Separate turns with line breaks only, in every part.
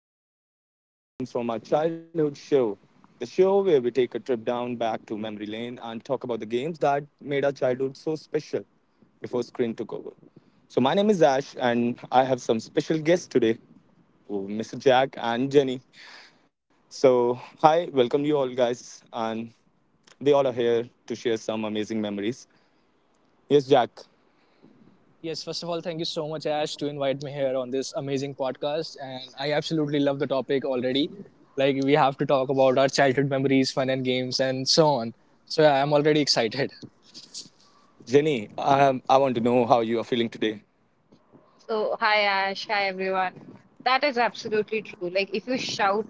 Hello, welcome to Games from Our Childhood show, the show where we take a trip down back to memory lane, talk about the games that made our childhood so special before screen took over. So, my name is Ash, and I have some special guests today, oh, Mr. Jack and Jenny. So, hi, welcome you all guys, and they all are here to share some amazing memories. Yes, Jack,
Yes, first of all, thank you so much, Ash, to invite me here on this amazing podcast. And I absolutely love the topic already. Like, we have to talk about our childhood memories, fun and games, and so on. So, yeah, I'm already excited.
Jenny, I want to know how you are feeling today.
So, hi Ash, hi everyone. That is absolutely true. Like, if you shout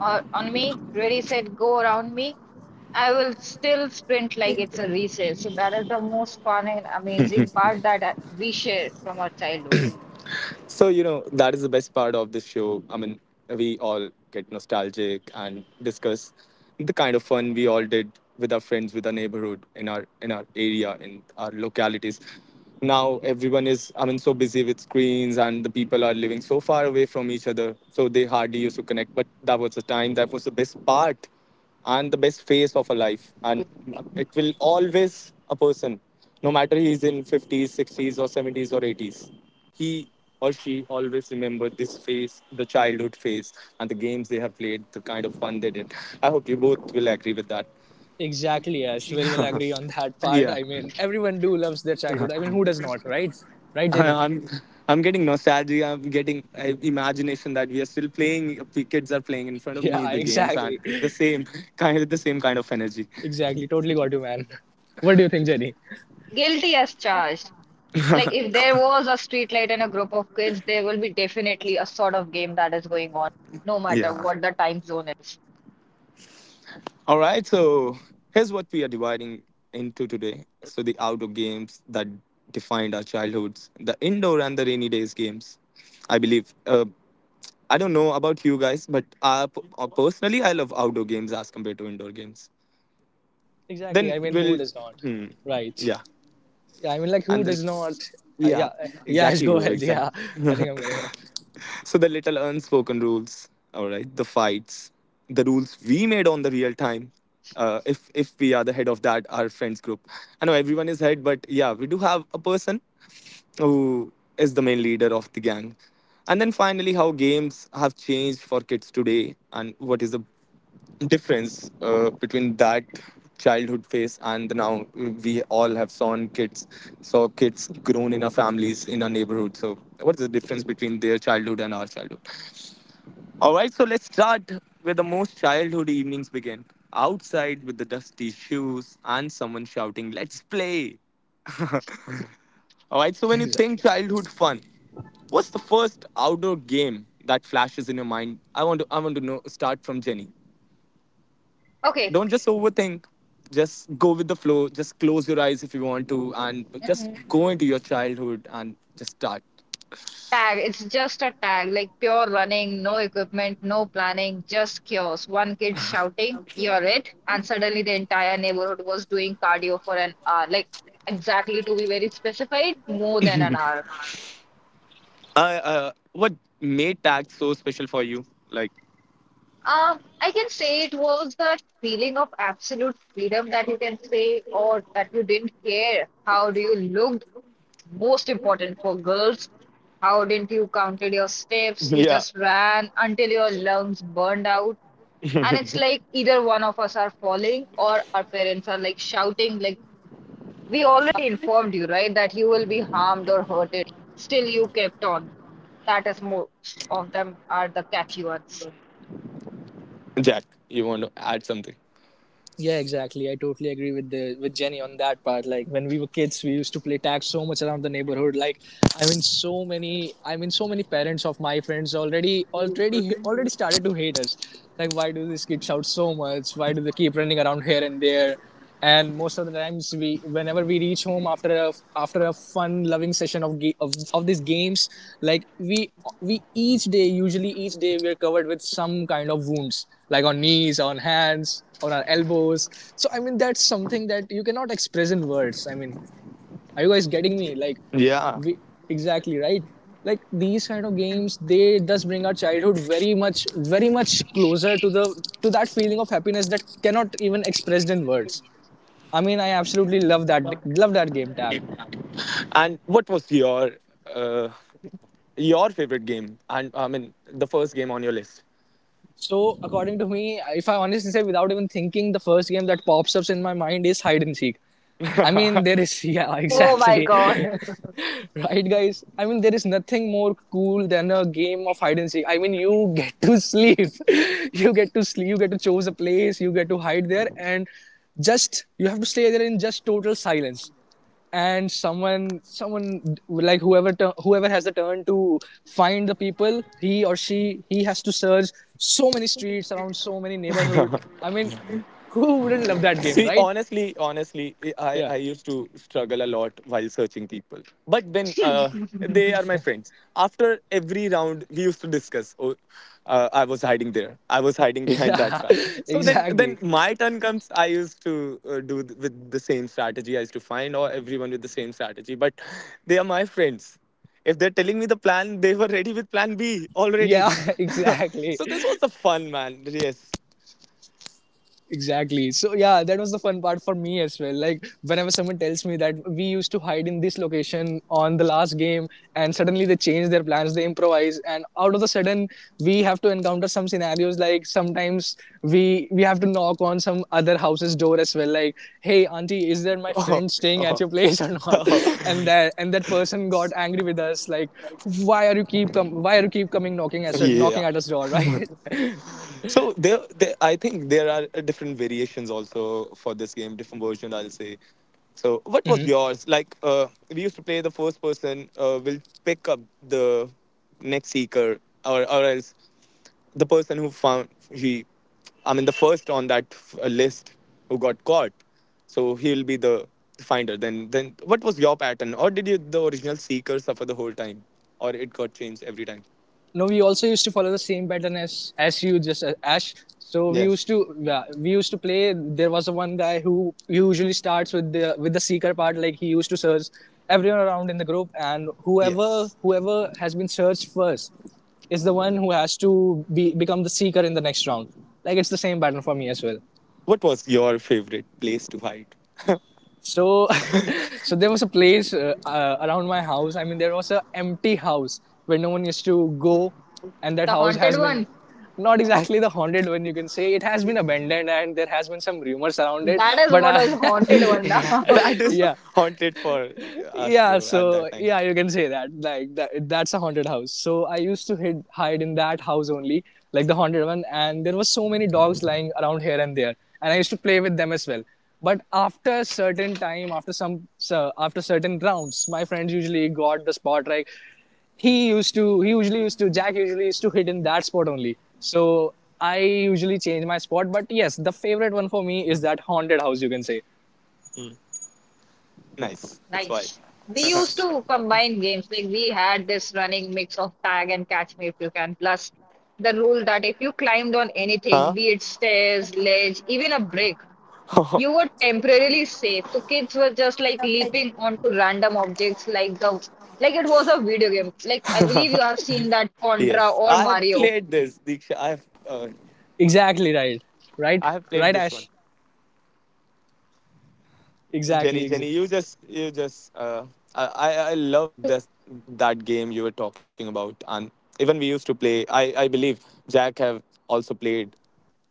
or on me, ready, set, go around me, I will still sprint like it's a recess. So, that is the most fun and amazing part that we share from our childhood.
So, you know, that is the best part of this show. I mean, we all get nostalgic and discuss the kind of fun we all did with our friends, with our neighborhood, in our area, in our localities. Now everyone is, I mean, so busy with screens, and the people are living so far away from each other. So they hardly used to connect. But that was the time, that was the best part and the best phase of a life. And it will always a person, no matter he's in fifties, sixties or seventies or eighties, he or she always remember this phase, the childhood phase, and the games they have played, the kind of fun they did. I hope you both will agree with that.
Exactly, Ash. Very well agree on that part.
Yeah,
I mean, everyone do loves their childhood. I mean, who does not, right? Right, Jenny?
I'm. I'm getting nostalgia. I'm getting imagination that we are still playing. The kids are playing in front of me
Yeah,
the games, and
exactly.
it's the same kind of, the same kind of energy.
Exactly. Totally got you, man. What do you think, Jenny?
Guilty as charged. Like, if there was a street light and a group of kids, there will be definitely a sort of game that is going on, no matter
Yeah.
what the time zone is.
All right. So here's what we are dividing into today. So the outdoor games that defined our childhoods, the indoor and the rainy days games. I believe. I don't know about you guys, but I, personally, I love outdoor games as compared to indoor games.
Exactly.
Then
I mean, who
we'll,
does not?
hmm,
Right.
yeah,
Yeah, I mean, like, who
and then
does not? Yeah,
yeah,
yeah, Ash,
exactly,
go
bro,
ahead. Yeah,
exactly.
I think I'm going off.
So the little unspoken rules, all right, the fights, the rules we made on the real time. If we are the head of that our friends group, I know everyone is head, but yeah, we do have a person who is the main leader of the gang. And then finally, how games have changed for kids today, and what is the difference between that childhood phase and the now. We all have seen kids, saw kids grown in our families, in our neighborhood. So what's the difference between their childhood and our childhood? All right, so let's start where the most childhood evenings begin, outside with the dusty shoes and someone shouting, let's play. All right, so when you
Exa-
think childhood fun, what's the first outdoor game that flashes in your mind? I want to, I want to know, start from Jenny.
Okay.
Don't just overthink, just go with the flow, just close your eyes if you want to, and just
Mm-hmm.
go into your childhood and just start.
Tag, it's just a tag, like pure running, no equipment, no planning, just chaos. One kid shouting, "You're it." And suddenly the entire neighborhood was doing cardio for an hour. Like, exactly to be very specific, more than an hour.
What made tag so special for you, like?
I can say it was that feeling of absolute freedom that you can say, or that you didn't care how do you looked. Most important for girls, how didn't you counted your steps? You
Yeah.
just ran until your lungs burned out. And it's like either one of us are falling or our parents are like shouting, like, we already informed you, right, that you will be harmed or hurted. Still, you kept on. That is most of them are the catchy ones.
Jack, you want to add something?
Yeah, exactly. I totally agree with the with Jenny on that part. Like when we were kids, we used to play tag so much around the neighborhood. Like, I mean, so many. I mean, so many parents of my friends already started to hate us. Like, why do these kids shout so much? Why do they keep running around here and there? And most of the times, we, whenever we reach home after a fun loving session of these games, like, we each day, usually each day we're covered with some kind of wounds, like on knees, on hands, on our elbows. So, I mean, that's something that you cannot express in words. I mean, are you guys getting me? Like,
Yeah.
we exactly, right? Like, these kind of games, they thus bring our childhood very much, very much closer to the, to that feeling of happiness that cannot even expressed in words. I mean, I absolutely love that game tag.
And what was uh, your favorite game? And I mean the first game on your
So according to me, if I honestly say without even thinking, the first game that pops up in my mind is hide and seek. I mean, there
list.
is, yeah,
Oh my
exactly,
God.
right, guys. I mean, there is nothing more cool than a game of hide and seek. I mean, you get to sleep, you get to sleep, you get to choose a place, you get to hide there, and just you have to stay there in just total silence. And someone, like, whoever has the turn to find the people, he or she he has to search so many streets around, so many neighborhoods. I mean, who wouldn't love that game,
See,
right?
honestly, honestly,
Yeah,
I used to struggle a lot while searching people. But then they are my friends. After every round, we used to discuss. Oh, I was hiding there. I was hiding behind that
yeah.
car. So then
Exactly.
my turn comes. I used to with the same strategy. I used to find or everyone with the same strategy. But they are my friends. If they're telling me the plan, they were ready with plan B
Yeah.
already.
Exactly.
So this was the fun, man. Yes.
Exactly. So yeah, that was the fun part for me as well. Like, whenever someone tells me that we used to hide in this location on the last game, and suddenly they change their plans, they improvise, and out of the sudden, we have to encounter some scenarios. Like, sometimes we have to knock on some other house's door as well. Like, hey, auntie, is there my friend staying at your place or not? And that person got angry with us, like, why are you keep coming knocking at,
Yeah.
us door? Right?
So there, I think there are different variations also for this game, different version, I'll say. So what was yours? Like, we used to play the first person will pick up the next seeker, or else the person who found he, I mean the first on that list, who got caught, so he'll be the finder. Then what was your pattern, or did you, the original seeker suffer the whole time, or it got changed every time?
No, we also used to follow the same pattern as, you just, Ash. So we
Yes.
used to, yeah, we used to play. There was a one guy who usually starts with the seeker part, like, he used to search everyone around in the group, and whoever
Yes.
whoever has been searched first is the one who has to be become the seeker in the next round. Like, it's the same pattern for me as well.
What was your favorite place to hide?
So so there was a place, around my house. I mean, there was a empty house where no one used to go, and
The
that house
haunted
has
one.
been, not exactly the haunted one, you can say, it has been abandoned, and there has been some rumors around it,
That is
but
what is haunted one
yeah,
now.
That is
yeah,
haunted for us,
yeah.
bro, at
So
that time.
yeah, you can say that, like that, that's a haunted house. So I used to hide in that house only, like the haunted one. And there were so many dogs lying around here and there, and I used to play with them as well. But after certain time, after some, so after certain rounds, my friends usually got the spot. Like, he used to he usually used to jack usually used to hit in that spot only. So I usually change my spot, but yes, the favorite one for me is that haunted house, you can say.
Nice. It's wild.
Nice. We used to combine games. Like we had this running mix of tag and catch me if you can, plus the rule that if you climbed on
Huh?
anything, be it stairs, ledge, even a brick, you were temporarily safe, so kids were just like leaping onto random objects like the, like it was a video game. Like I believe you have seen that
Yes.
Contra
I
or
have played
Mario,
this, Diksha.
Exactly, right.
I
Right,
have played
right,
this one.
Ash.
Jenny,
Exactly, exactly.
Jenny, you just, I, I loved this, that game you were talking about, and even we used to play. I believe Jack have also played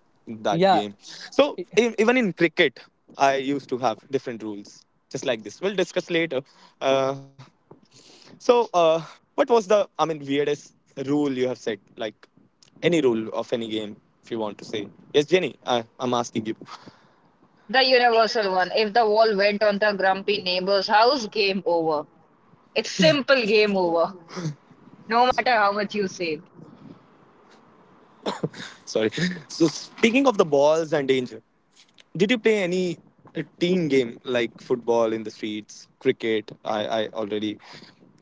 that game.
Yeah,
So even in cricket, I used to have different rules, just like this. We'll discuss later. Uh, so uh, what was the, I mean, weirdest rule you have set? Like any rule of any game, if you want to say. Yes, Jenny, I'm asking you.
the universal one. If the wall went on the grumpy neighbor's house, game over. It's simple game over, no matter how much you saved.
Sorry. So speaking of the balls and danger. Did you play any team game like football in the streets, cricket? I already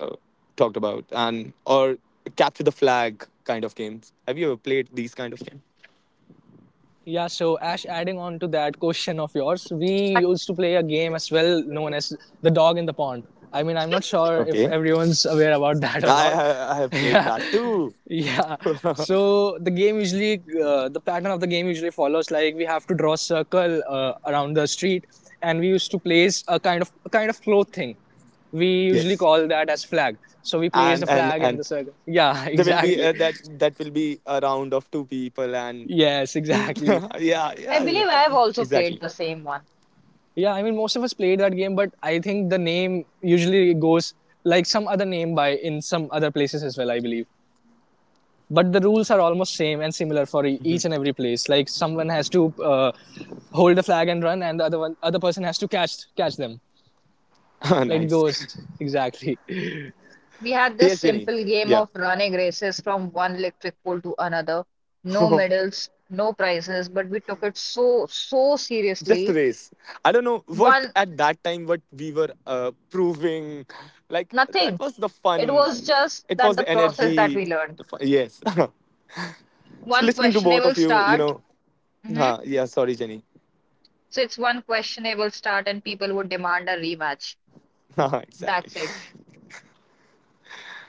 uh, talked about, and or capture the flag kind of games. Have you ever played these kind of games?
yeah. So, Ash, adding on to that question of yours, we
But
used to play a game as well known as the dog in the pond. I mean, I'm not sure if
Okay,
everyone's aware about that or
I
not.
I I have played
Yeah,
that too.
yeah. So the game usually, the pattern of the game usually follows, like, we have to draw a circle around the street, and we used to place a kind of cloth thing. We usually
Yes,
call that as flag, so we place the
and and
flag in
and
the circle. Yeah.
there will be
Exactly.
that, that will be a round of two people, and
Yes, exactly.
yeah,
I
yeah,
believe I have also
exactly.
played the same one.
Yeah, I mean, most of us played that game, but I think the name usually goes, like, some other name by in some other places as well, I believe. But the rules are almost same and similar for each and every place. Like, someone has to, hold the flag and run, and the other one, other person has to catch them. Like it
Nice.
goes exactly.
We had this
Yes, Jenny.
simple game
Yeah.
of running races from one electric pole to another. No medals, no prizes, but we took it so, so
Just
seriously.
race, I don't know what
One,
at that time what we were proving, like that
nothing.
was the
It
fun,
was just
it
that
was
the
the
process that
energy,
we learned.
the fun. Yes. So
One
listening to both
questionable
of you, you
start.
know.
hmm
Huh, yeah, sorry Jenny.
So it's one questionable start, and people would demand a rematch.
Haha, exactly.
That's it.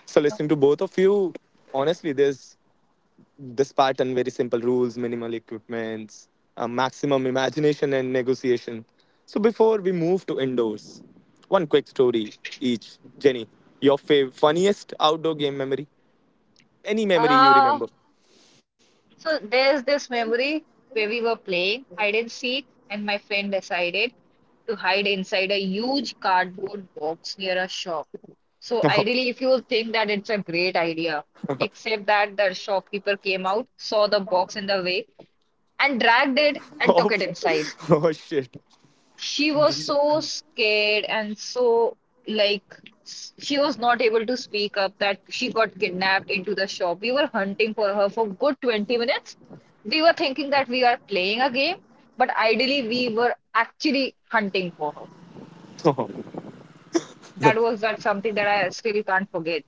So
You know?
listening to both of you, honestly, there's this pattern, very simple rules, minimal equipments, maximum imagination and negotiation. So before we move to indoors, one quick story each. Jenny, your funniest outdoor game memory. Any memory you
Uh,
remember?
so there's this memory where we were playing hide and seek, and my friend decided to hide inside a huge cardboard box near a shop. So ideally, if you think that it's a great idea, except that the shopkeeper came out, saw the box in the way, and dragged it and took
Oh,
it inside.
oh shit!
She was so scared and so, like, she was not able to speak up that she got kidnapped into the shop. We were hunting for her for good 20 minutes. We were thinking that we are playing a game, but ideally we were actually hunting for her.
Oh,
That was that something that I still can't forget.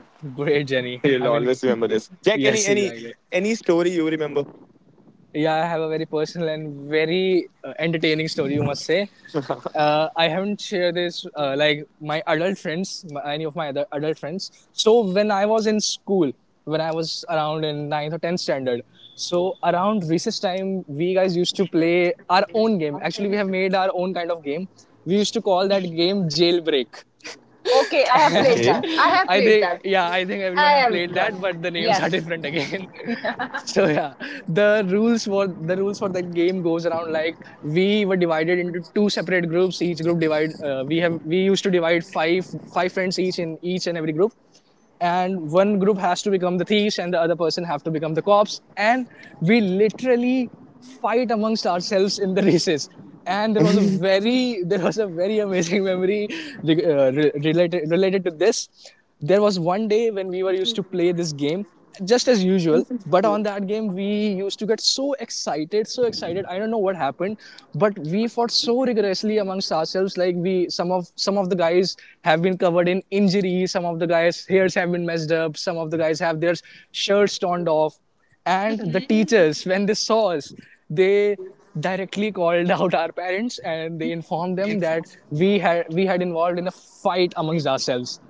Great, Jenny. I
you'll
mean,
always remember this. Jack,
yes, exactly.
any story you remember?
Yeah, I have a very personal and very entertaining story, you must say. I haven't shared this, like, my adult friends, any of my other adult friends. So when I was in school, when I was around in ninth or tenth standard, so around recess time, we guys used to play our own game. Actually, we have made our own kind of game. We used to call that game jailbreak.
Okay, I have played
Okay.
that. I have
I
played
think,
that.
yeah, I think
I
everyone have
have
played that,
done.
but the names are
Yes.
different again. So yeah, the rules for that game goes around, like, we were divided into two separate groups. Each group divide, we used to divide five friends each in each and every group, and one group has to become the thieves, and the other person have to become the cops. And we literally fight amongst ourselves in the races. And there was a very there was a very amazing memory, related to this. There was one day when we were used to play this game, just as usual. But on that game, we used to get so excited, so excited, I don't know what happened, but we fought so rigorously amongst ourselves. Like, we, some of the guys have been covered in injuries. Some of the guys hairs have been messed up. Some of the guys have their shirts torn off. And the
Mhm.
teachers, when they saw us, they directly called out our parents, and they informed them that we had involved in a fight amongst ourselves.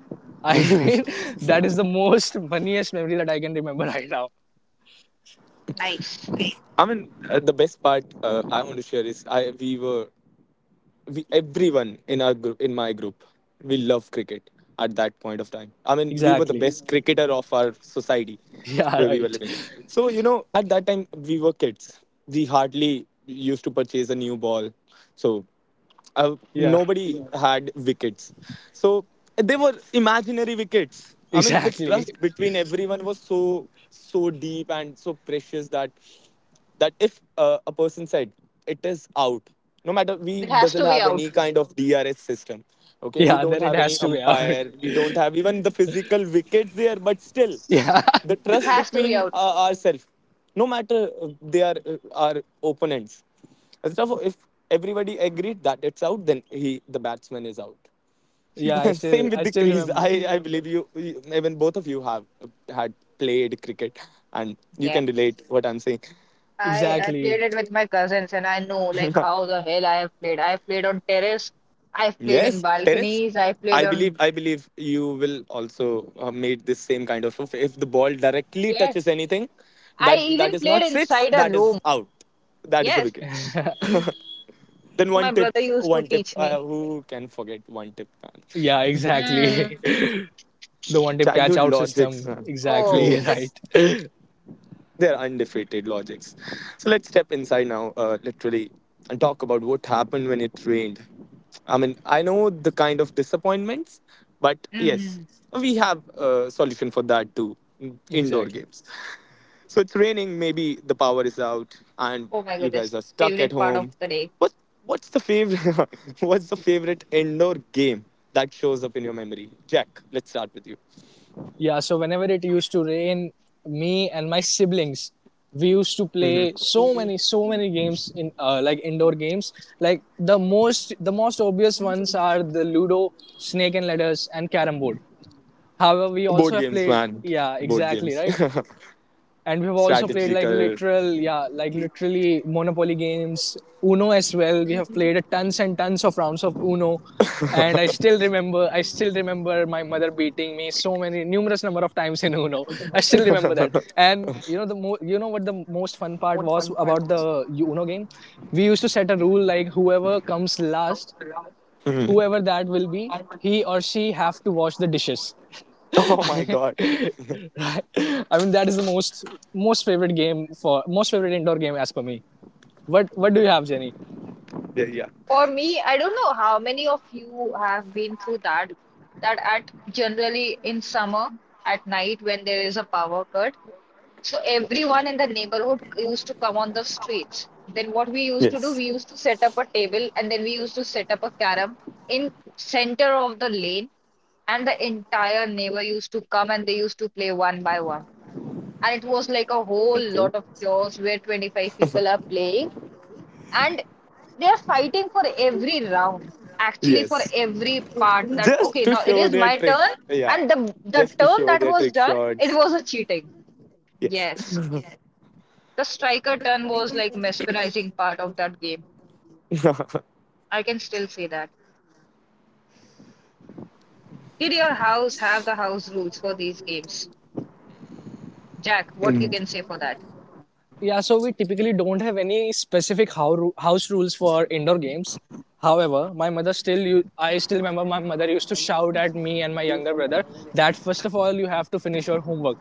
I mean, that is the most funniest memory that I can remember right now.
Nice.
I mean, the best part I want to share is, I we were, we, everyone in our group, in my group, we love cricket at that point of time. I mean, we were the
Exactly.
best cricketer of our society
Yeah,
where we were
right.
living. So you know, at that time we were kids, we hardly used to purchase a new ball. So
Yeah,
nobody had wickets. So they were imaginary wickets. I mean the
exactly.
trust between everyone was so so deep and so precious that, that if a person said it is out, no matter we
It has
doesn't
to be
have any
out.
kind of DRS system, okay, we
Yeah,
don't
then it
have any
has to be out.
umpire, we don't have even the physical wickets there, but still
Yeah,
the
It
trust
has to be
between
out.
ourselves, no matter they are our opponents and stuff, if everybody agreed that it's out, then he, the batsman is out.
yeah. I
Same
still,
with
I
the
still
crease.
remember.
I believe you, you, even both of you have had played cricket, and you can
Yes.
relate what I'm saying.
I played
Exactly.
it with my cousins and I know like how the hell I have played. I have played on terrace, I've played in
Yes, Terence.
balconies, I played on.
I believe you will also made this same kind of, if the ball directly touches
Yes.
anything,
I
that, that
even
is not
played
six,
inside a
that is
room.
out, that is a wicket.
Yes. So my
Then one
brother
tip,
used to
one
teach
tip.
me.
Who can forget one tip, man?
Yeah, exactly.
Mm.
The one-tip
Childhood
catch-out
logics,
system.
man.
Exactly.
Oh. Like,
Yes.
Right.
They're undefeated logics. So let's step inside now, literally, and talk about what happened when it rained. I mean, I know the kind of disappointments, but yes,
mm.
we have a solution for that too: indoor
Exactly.
games. So it's raining, maybe the power is out, and
Oh my
you
goodness.
guys are stuck at
Favorite part of
home.
the day.
What, what's the favorite? What's the favorite indoor game that shows up in your memory? Jack, let's start with you.
Yeah, so whenever it used to rain, me and my siblings, we used to play so many, so many games in, like, indoor games. Like, the most obvious ones are the Ludo, Snake and Ladders, and carrom board. However, we also
Board
have
games,
played.
man.
Yeah,
Board
exactly,
games.
right. And we've also played, like,
Strategical.
literal yeah, like, literally, Monopoly games. Uno as well, we have
Mm.
played tons and tons of rounds of Uno. And I still remember my mother beating me so many numerous number of times in Uno. I still remember that. And you know the you know what the most fun part was about the Uno game? We used to set a rule, like, whoever comes last,
Hmm.
whoever that will be, he or she have to wash the dishes.
Oh my
Right?
god.
I mean, that is the most favorite game for, most favorite indoor game as per me. What do you have, Jenny?
Yeah, yeah.
For me, I don't know how many of you have been through that. That at generally in summer at night when there is a power cut. So everyone in the neighborhood used to come on the streets. Then what we used to do,
Yes.
we used to set up a table and then we used to set up a carom in center of the lane and the entire neighbor used to come and they used to play one by one. And it was like a whole
Okay.
lot of chaos where 25 people are playing and they are fighting for every round, actually for
Yes.
every part that
Just
okay,
to
now it
show
is
their
my turn
tricks. Yeah.
and the
Just to
term
show
that
their
was
trick
done, it
shots.
was a cheating.
Yes.
Yes. The striker turn was like mesmerizing part of that game. I can still say that. Did your house have the house rules for these games? Jack, what you can say for that?
Yeah, so we typically don't have any specific house rules for indoor games. However, my mother still, I still remember my mother used to shout at me and my younger brother that first of all, you have to finish your homework,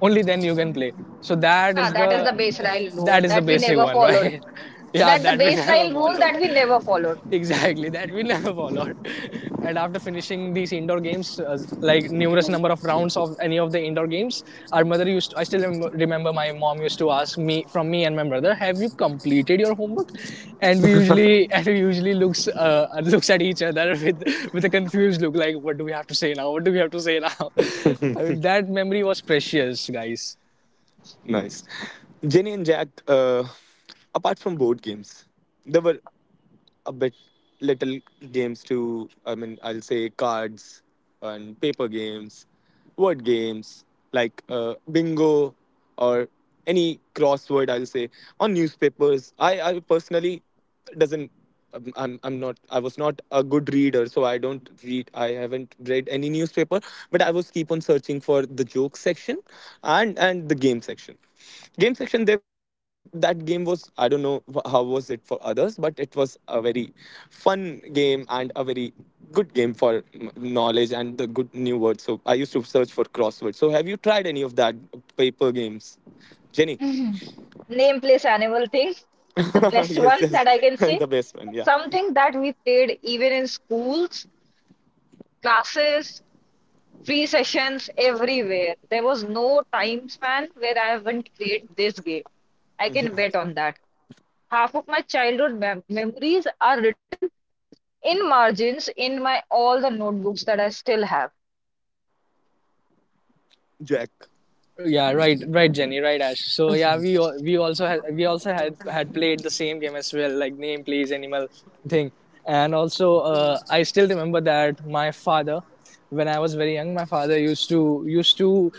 only then you can play. So that
Ah,
is
that is
the
the baseline rule
that is the
that we
basic
never
one,
followed.
right? Yeah,
That the
that we never
baseline rule
followed.
that we never followed.
Exactly, that will have followed. And after finishing these indoor games, like numerous number of rounds of any of the indoor games, our I still remember my mom used to ask me from me and my brother, have you completed your homework? And we usually and we usually looks looks at each other with a confused look, like what do we have to say now what do we have to say now I mean, that memory was precious, guys.
Nice. Jenny and Jack, apart from board games, there were a bit little games to, I mean, I'll say cards and paper games, word games like bingo or any crossword, I'll say, on newspapers. I personally doesn't, I'm not, I was not a good reader, so I don't read, I haven't read any newspaper, but I was keep on searching for the joke section and the game section. Game section, they, that game was, I don't know how was it for others, but it was a very fun game and a very good game for knowledge and the good new words. So I used to search for crosswords. So have you tried any of that paper games, Jenny?
Mhm. Name, place, animal thing. The best
Yes,
one
yes.
that I can say.
The best one, yeah.
Something that we played even in schools, classes, free sessions, everywhere. There was no time span where I haven't played this game. I can bet on that. Half of my childhood mem memories are written in margins in my all the notebooks that I still have. Like,
Jack?
Yeah, right, right, Jenny, right, Ash. So yeah, we al- we also had had played the same game as well, like name, place, animal thing, and also I still remember that my father, when I was very young, my father used to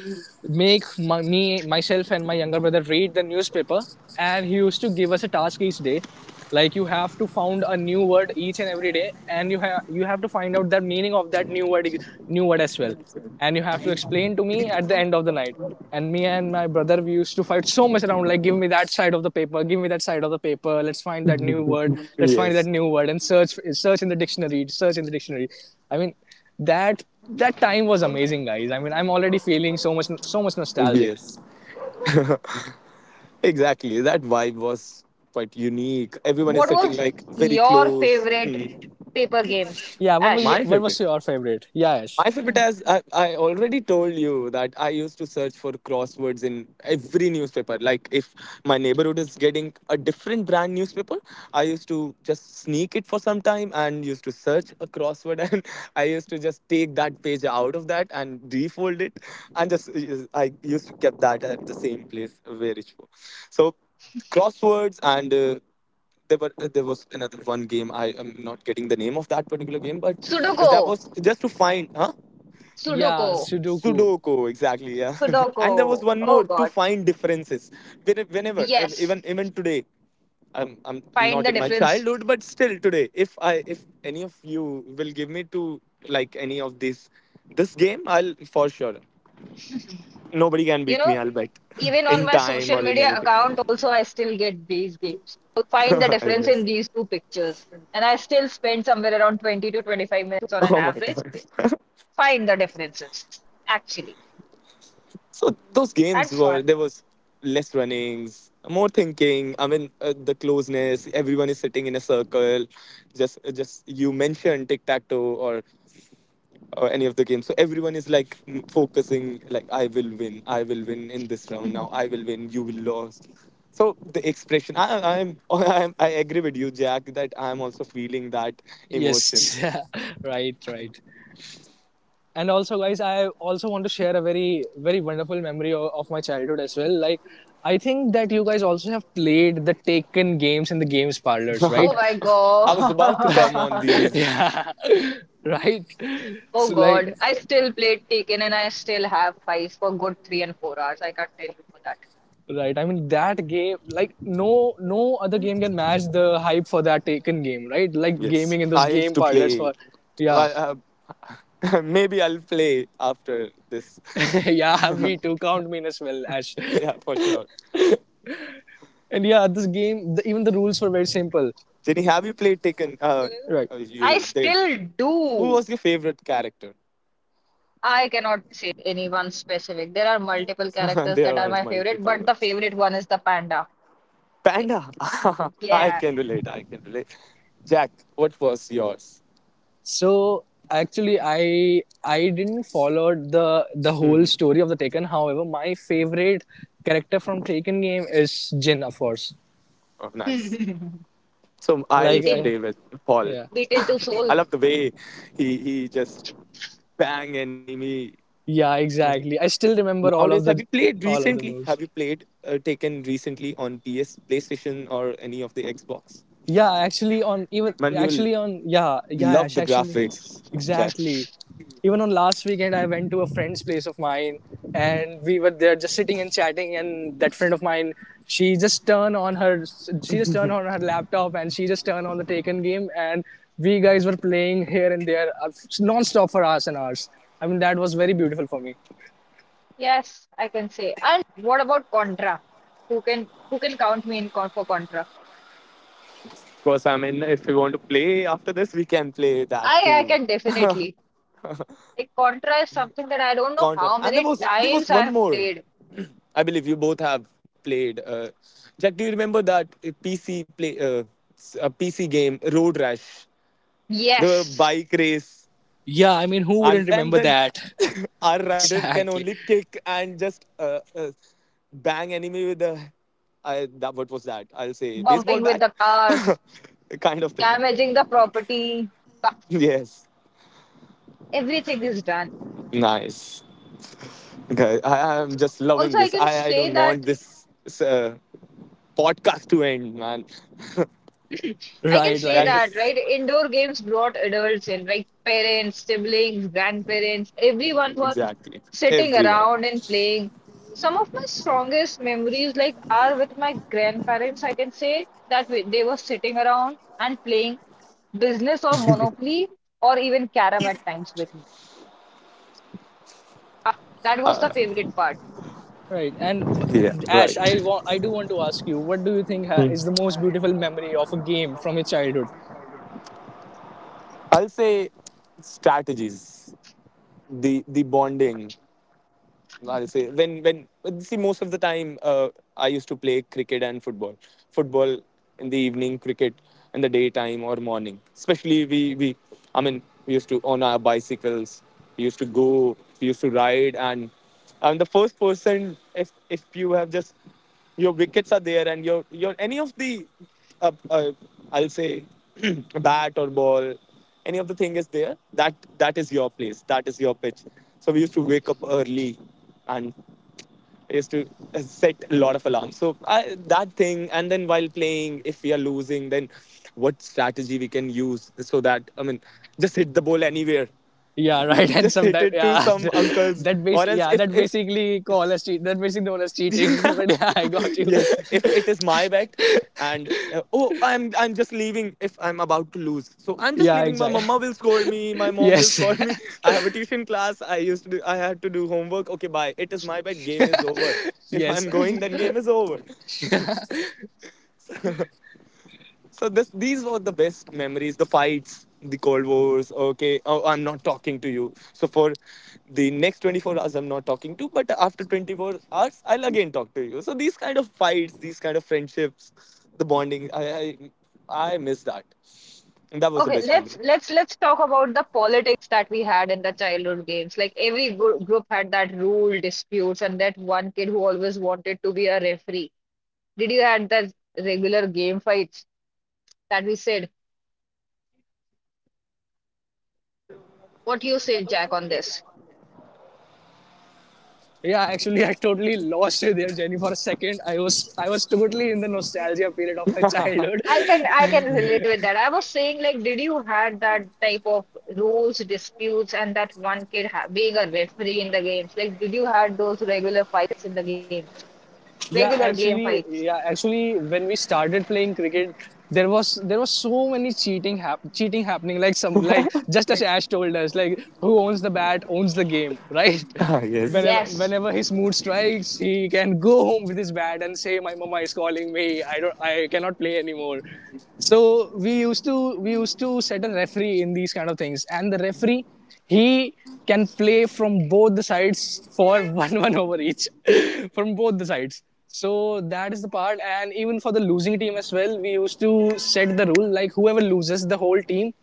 make my, me myself and my younger brother read the newspaper, and he used to give us a task each day, like you have to found a new word each and every day, and you have to find out the meaning of that new word as well, and you have to explain to me at the end of the night. And me and my brother, we used to fight so much around, like, give me that side of the paper, give me that side of the paper. Let's find that new word. Let's find that
Yes,
new word, and search, search in the dictionary, search in the dictionary. I mean, that time was amazing, guys. I mean, I'm already feeling so much, so much nostalgic.
yes, exactly, that vibe was quite unique, everyone is
what
sitting
was
like very
your
close.
favorite
Hmm.
paper game,
Yeah. What was
Ash?
your,
My
what was
favorite.
your favorite? Yeah, Yash.
My favorite,
Hmm.
as I already told you that I used to search for crosswords in every newspaper. Like if my neighborhood is getting a different brand newspaper, I used to just sneak it for some time and used to search a crossword and I used to just take that page out of that and refold it and just I used to keep that at the same place where it was. So crosswords and there were there was another one game. I am not getting the name of that particular game, but that
Sudoku,
was just to find, huh?
Sudoku,
Yeah, Sudoku.
Sudoku, exactly, yeah. And there was
Sudoku.
one more
Oh
to
God.
find differences. Whenever,
Yes,
even today, I'm
find
not
the
in my
difference.
childhood, but still today, if any of you will give me to like any of these this game, I'll for sure. Nobody can
You
beat me.
know,
I'll bet
even on
in
my
time
social
or in
media
anything.
account, also I still get these games. So find the
I
difference in
guess.
these two pictures. And I still spend somewhere around 20 to 25 minutes on an
Oh my
average
god.
find the differences, actually.
So those games
That's
were
fun.
there was less runnings, more thinking. I mean, the closeness. Everyone is sitting in a circle. Just you mentioned tic tac toe or any of the games. So everyone is like focusing. Like I will win. I will win in this round.
Mhm.
Now I will win. You will lose. So the expression. I'm. I agree with you, Jack. That I'm also feeling that emotion.
Yes. Right. Right. And also, guys, I also want to share a very, very wonderful memory of my childhood as well. Like, I think that you guys also have played the Taken games in the games parlors,
Oh
right?
my
I was about to come on
god.
these.
Yeah. Right.
Oh
So, like,
god. I still played Taken and I still have fights for good 3 and 4 hours. I can't tell you for that.
right, I mean, that game, like, no, no other game can match the hype for that Taken game, right? Like
Yes,
gaming in those
I used
game
to
parlors
play
for,
it.
yeah.
Well, maybe I'll play after this.
Yeah, me too, count me in as well, Ash.
Yeah, for sure.
And yeah, this game, even the rules were very simple,
Jenny, have you played Taken?
right.
I
You did.
still
Who
do.
was your favorite character?
I cannot say anyone specific. There are multiple characters
There
that are
were
my favorite, but
multiple.
the favorite one is the panda.
Panda. I
Yeah.
can relate. I can relate. Jack, what was yours?
So actually, I didn't follow the whole
Mhm.
story of the Taken. However, my favorite character from Taken game is Jin, of course.
Oh, nice.
Beaten.
So I
Like,
used to
I,
play with Paul.
yeah,
Beaten to soul.
I love the way he just bang enemy.
yeah,
No.
exactly. I still remember all
Nowadays,
of
have you
the
played
all of the
recently? Have
moves.
you played Taken recently on PS, PlayStation, or any of the Xbox?
Yeah, actually on even
Man, you'll
actually on yeah, yeah,
love
Ash,
the
actually.
graphics, Jack.
Exactly. Even on last weekend I went to a friend's place of mine, and we were there just sitting and chatting, and that friend of mine, she just turned on her she just turned on her laptop, and she just turned on the Taken game, and we guys were playing here and there, non-stop for hours and hours. I mean, that was very beautiful for me.
Yes, I can say. And what about Contra? Who can, who can count me in con for Contra?
Of course, I mean, if you want to play after this, we can play that
I
too.
can definitely. Like Contra is something that I don't know
Contra,
how
and there
many
was there was
times
one
I've
more.
played.
I believe you both have played. Jack, do you remember that PC play s- a PC game Road Rash? The
Yes,
bike race.
Yeah, I mean, who
and
wouldn't
and
remember
that
that?
our rider can
Exactly.
only kick and just bang enemy with the what was that? I'll say baseball
bumping with
bat,
the cars,
kind of thing.
damaging the property,
Yes,
everything is done.
nice. Okay, I
So,
am just
also
loving
I
this.
can
I
say
don't want
that,
this uh, podcast to end, man.
I can
Right,
say
That
like,
that,
is
right? Indoor games brought adults in, like parents, siblings, grandparents, everyone was
exactly
sitting
everyone.
around and playing. Some of my strongest memories, like, are with my grandparents. I can say that they were sitting around and playing business or Monopoly or even carom at times with me. That was the favorite part.
right.
Yeah,
And Ash,
right.
I want, I do want to ask you, what do you think is the most beautiful memory of a game from your childhood?
I'll say strategies, the bonding, I'll say when see most of the time, I used to play cricket and football. Football in the evening, cricket in the daytime or morning. Especially we I mean we used to on our bicycles. We used to go. We used to ride, and I'm the first person. If you have just your wickets are there and your any of the uh, uh, I'll say bat or ball, any of the thing is there, that is your place, that is your pitch. So we used to wake up early, and I used to set a lot of alarms so that thing. And then while playing, if we are losing, then what strategy we can use? So that I mean, just hit the ball anywhere,
Yeah, right. And
just hit
sometimes,
it to
yeah,
some uncles.
that base,
Or else
yeah, that
if
basically call as cheat. That basically known as cheating. But yeah, I got you.
yes, if it is my bet, and oh, I'm just leaving. If I'm about to lose, so I'm just
Yeah,
leaving. My
exactly.
mama will scold me, my mom will
Yes,
scold me. I have a tuition class. I had to do homework. Okay, bye. It is my bet. Game is over. If
yes.
I'm going, then game is over. So these were the best memories, the fights, the cold wars. Okay, oh, I'm not talking to you. So for the next 24 hours, I'm not talking to. But after 24 hours, I'll again talk to you. So these kind of fights, these kind of friendships, the bonding, I miss that. And that was the
Okay,
best memory.
let's talk about the politics that we had in the childhood games. Like every gr group had that rule disputes and that one kid who always wanted to be a referee. Did you had that regular game fights that we said? What do you say, Jack, on this?
Yeah, actually, I totally lost you there, Jenny, for a second. I was totally in the nostalgia period of my childhood.
I can I can relate with that. I was saying like, did you had that type of rules disputes and that one kid ha being a referee in the games? Like, did you had those regular fights in the games? Regular
Yeah,
game
actually,
fights?
yeah, actually, when we started playing cricket, there was so many cheating happening, like some, like just as Ash told us, like who owns the bat owns the game, right.
Ah, yes.
whenever
Yes.
whenever his mood strikes, he can go home with his bat and say my mama is calling me, I cannot play anymore. So we used to set a referee in these kind of things, and the referee he can play from both the sides for one over each, from both the sides. So that is the part, and even for the losing team as well, we used to set the rule, like whoever loses the whole team,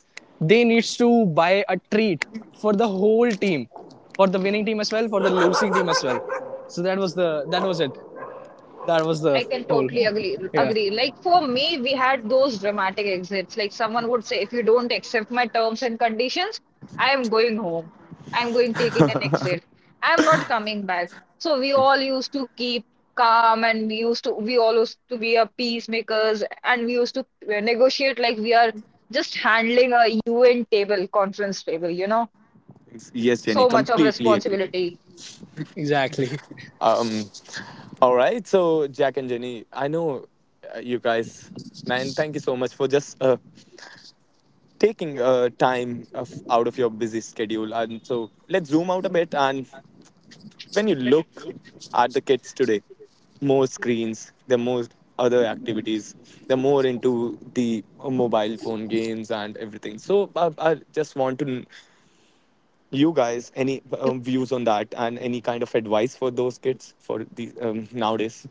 they needs to buy a treat for the whole team, for the winning team as well, for the losing team as well. So that was the that was it. That was
I
the
can
whole
totally
part.
agree
Yeah,
agree. Like for me, we had those dramatic exits. Like someone would say, if you don't accept my terms and conditions, I am going home. I'm going taking an exit. I'm not coming back. So we all used to keep calm and we used to, we all used to be a peacemakers and we used to negotiate like we are just handling a UN table, conference table, you know,
Yes,
so
Jenny,
much of
completely agree.
responsibility.
exactly.
Um, all right, so Jack and Jenny, I know you guys, and thank you so much for just taking time of, out of your busy schedule. And so let's zoom out a bit. And when you look at the kids today, more screens, the more other activities, the more into the mobile phone games and everything. So I just want to you guys any views on that and any kind of advice for those kids for the nowadays.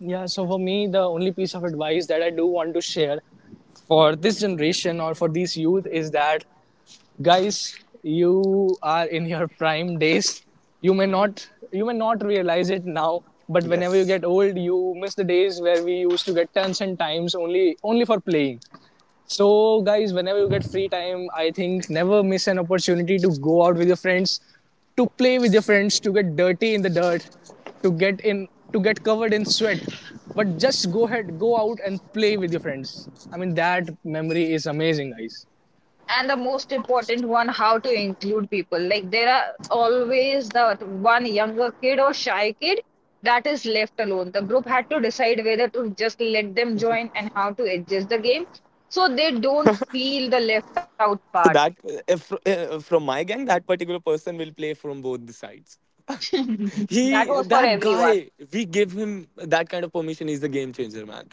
Yeah, so for me, the only piece of advice that I do want to share for this generation or for these youth is that, guys, you are in your prime days. You may not realize it now, but whenever you
Yes.
get old, you miss the days where we used to get tons and times only for playing. So, guys, whenever you get free time, I think never miss an opportunity to go out with your friends, to play with your friends, to get dirty in the dirt, to get in, to get covered in sweat. But just go ahead, go out and play with your friends. I mean, that memory is amazing, guys.
And the most important one, how to include people. Like there are always that one younger kid or shy kid that is left alone. The group had to decide whether to just let them join and how to adjust the game so they don't feel the left out part.
So that, if, from my gang, that particular person will play from both the sides.
That
He,
was for
that
everyone.
guy, we give him that kind of permission. He's the game changer, man.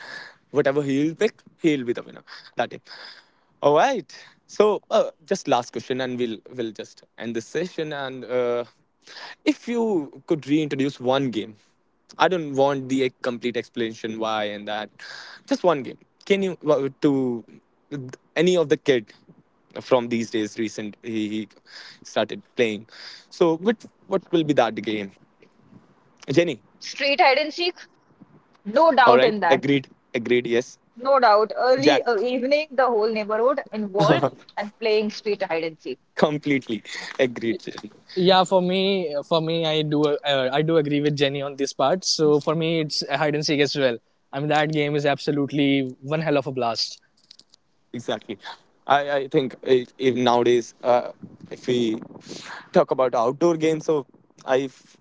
Whatever he'll pick, he'll be the winner. That it. All right. So, just last question, and we'll just end this session. And if you could reintroduce one game, I don't want the complete explanation why and that. Just one game. Can you to any of the kid from these days recent he started playing, so what will be that game, Jenny.
Straight hide and seek, no
All
doubt
right.
in that.
Agreed. Agreed. Yes.
No doubt. Early
Jack.
evening, the whole neighborhood involved and playing street hide and seek.
Completely agreed. Jenny.
Yeah, for me, I do agree with Jenny on this part. So for me, it's hide and seek as well. I mean, that game is absolutely one hell of a blast.
Exactly. I think, I if nowadays, if we talk about outdoor games, so i f-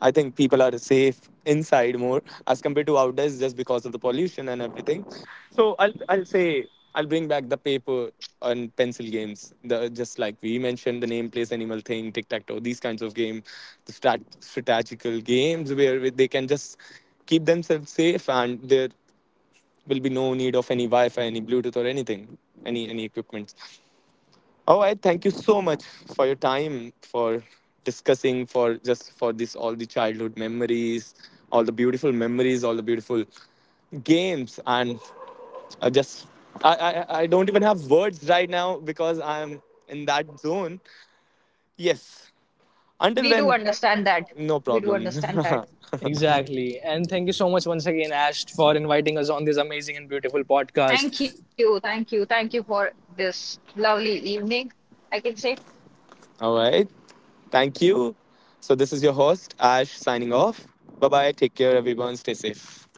I think people are safe inside more as compared to outdoors just because of the pollution and everything. So I'll say I'll bring back the paper and pencil games, the just like we mentioned, the name place animal thing, tic tac toe, these kinds of game, the strategical games where they can just keep themselves safe, and their will be no need of any Wi-Fi, any Bluetooth, or anything, any equipment. All right, thank you so much for your time, for discussing, for just for this all the childhood memories, all the beautiful memories, all the beautiful games, and I just I don't even have words right now because I'm in that zone. Yes. Until
We do
then,
understand that.
no
We do
problem.
understand that.
Exactly. And thank you so much once again, Ash, for inviting us on this amazing and beautiful podcast.
Thank you, thank you, thank you for this lovely evening. I can say
All right. Thank you. So, this is your host, Ash, signing off. Bye bye. Take care, everyone. Stay safe.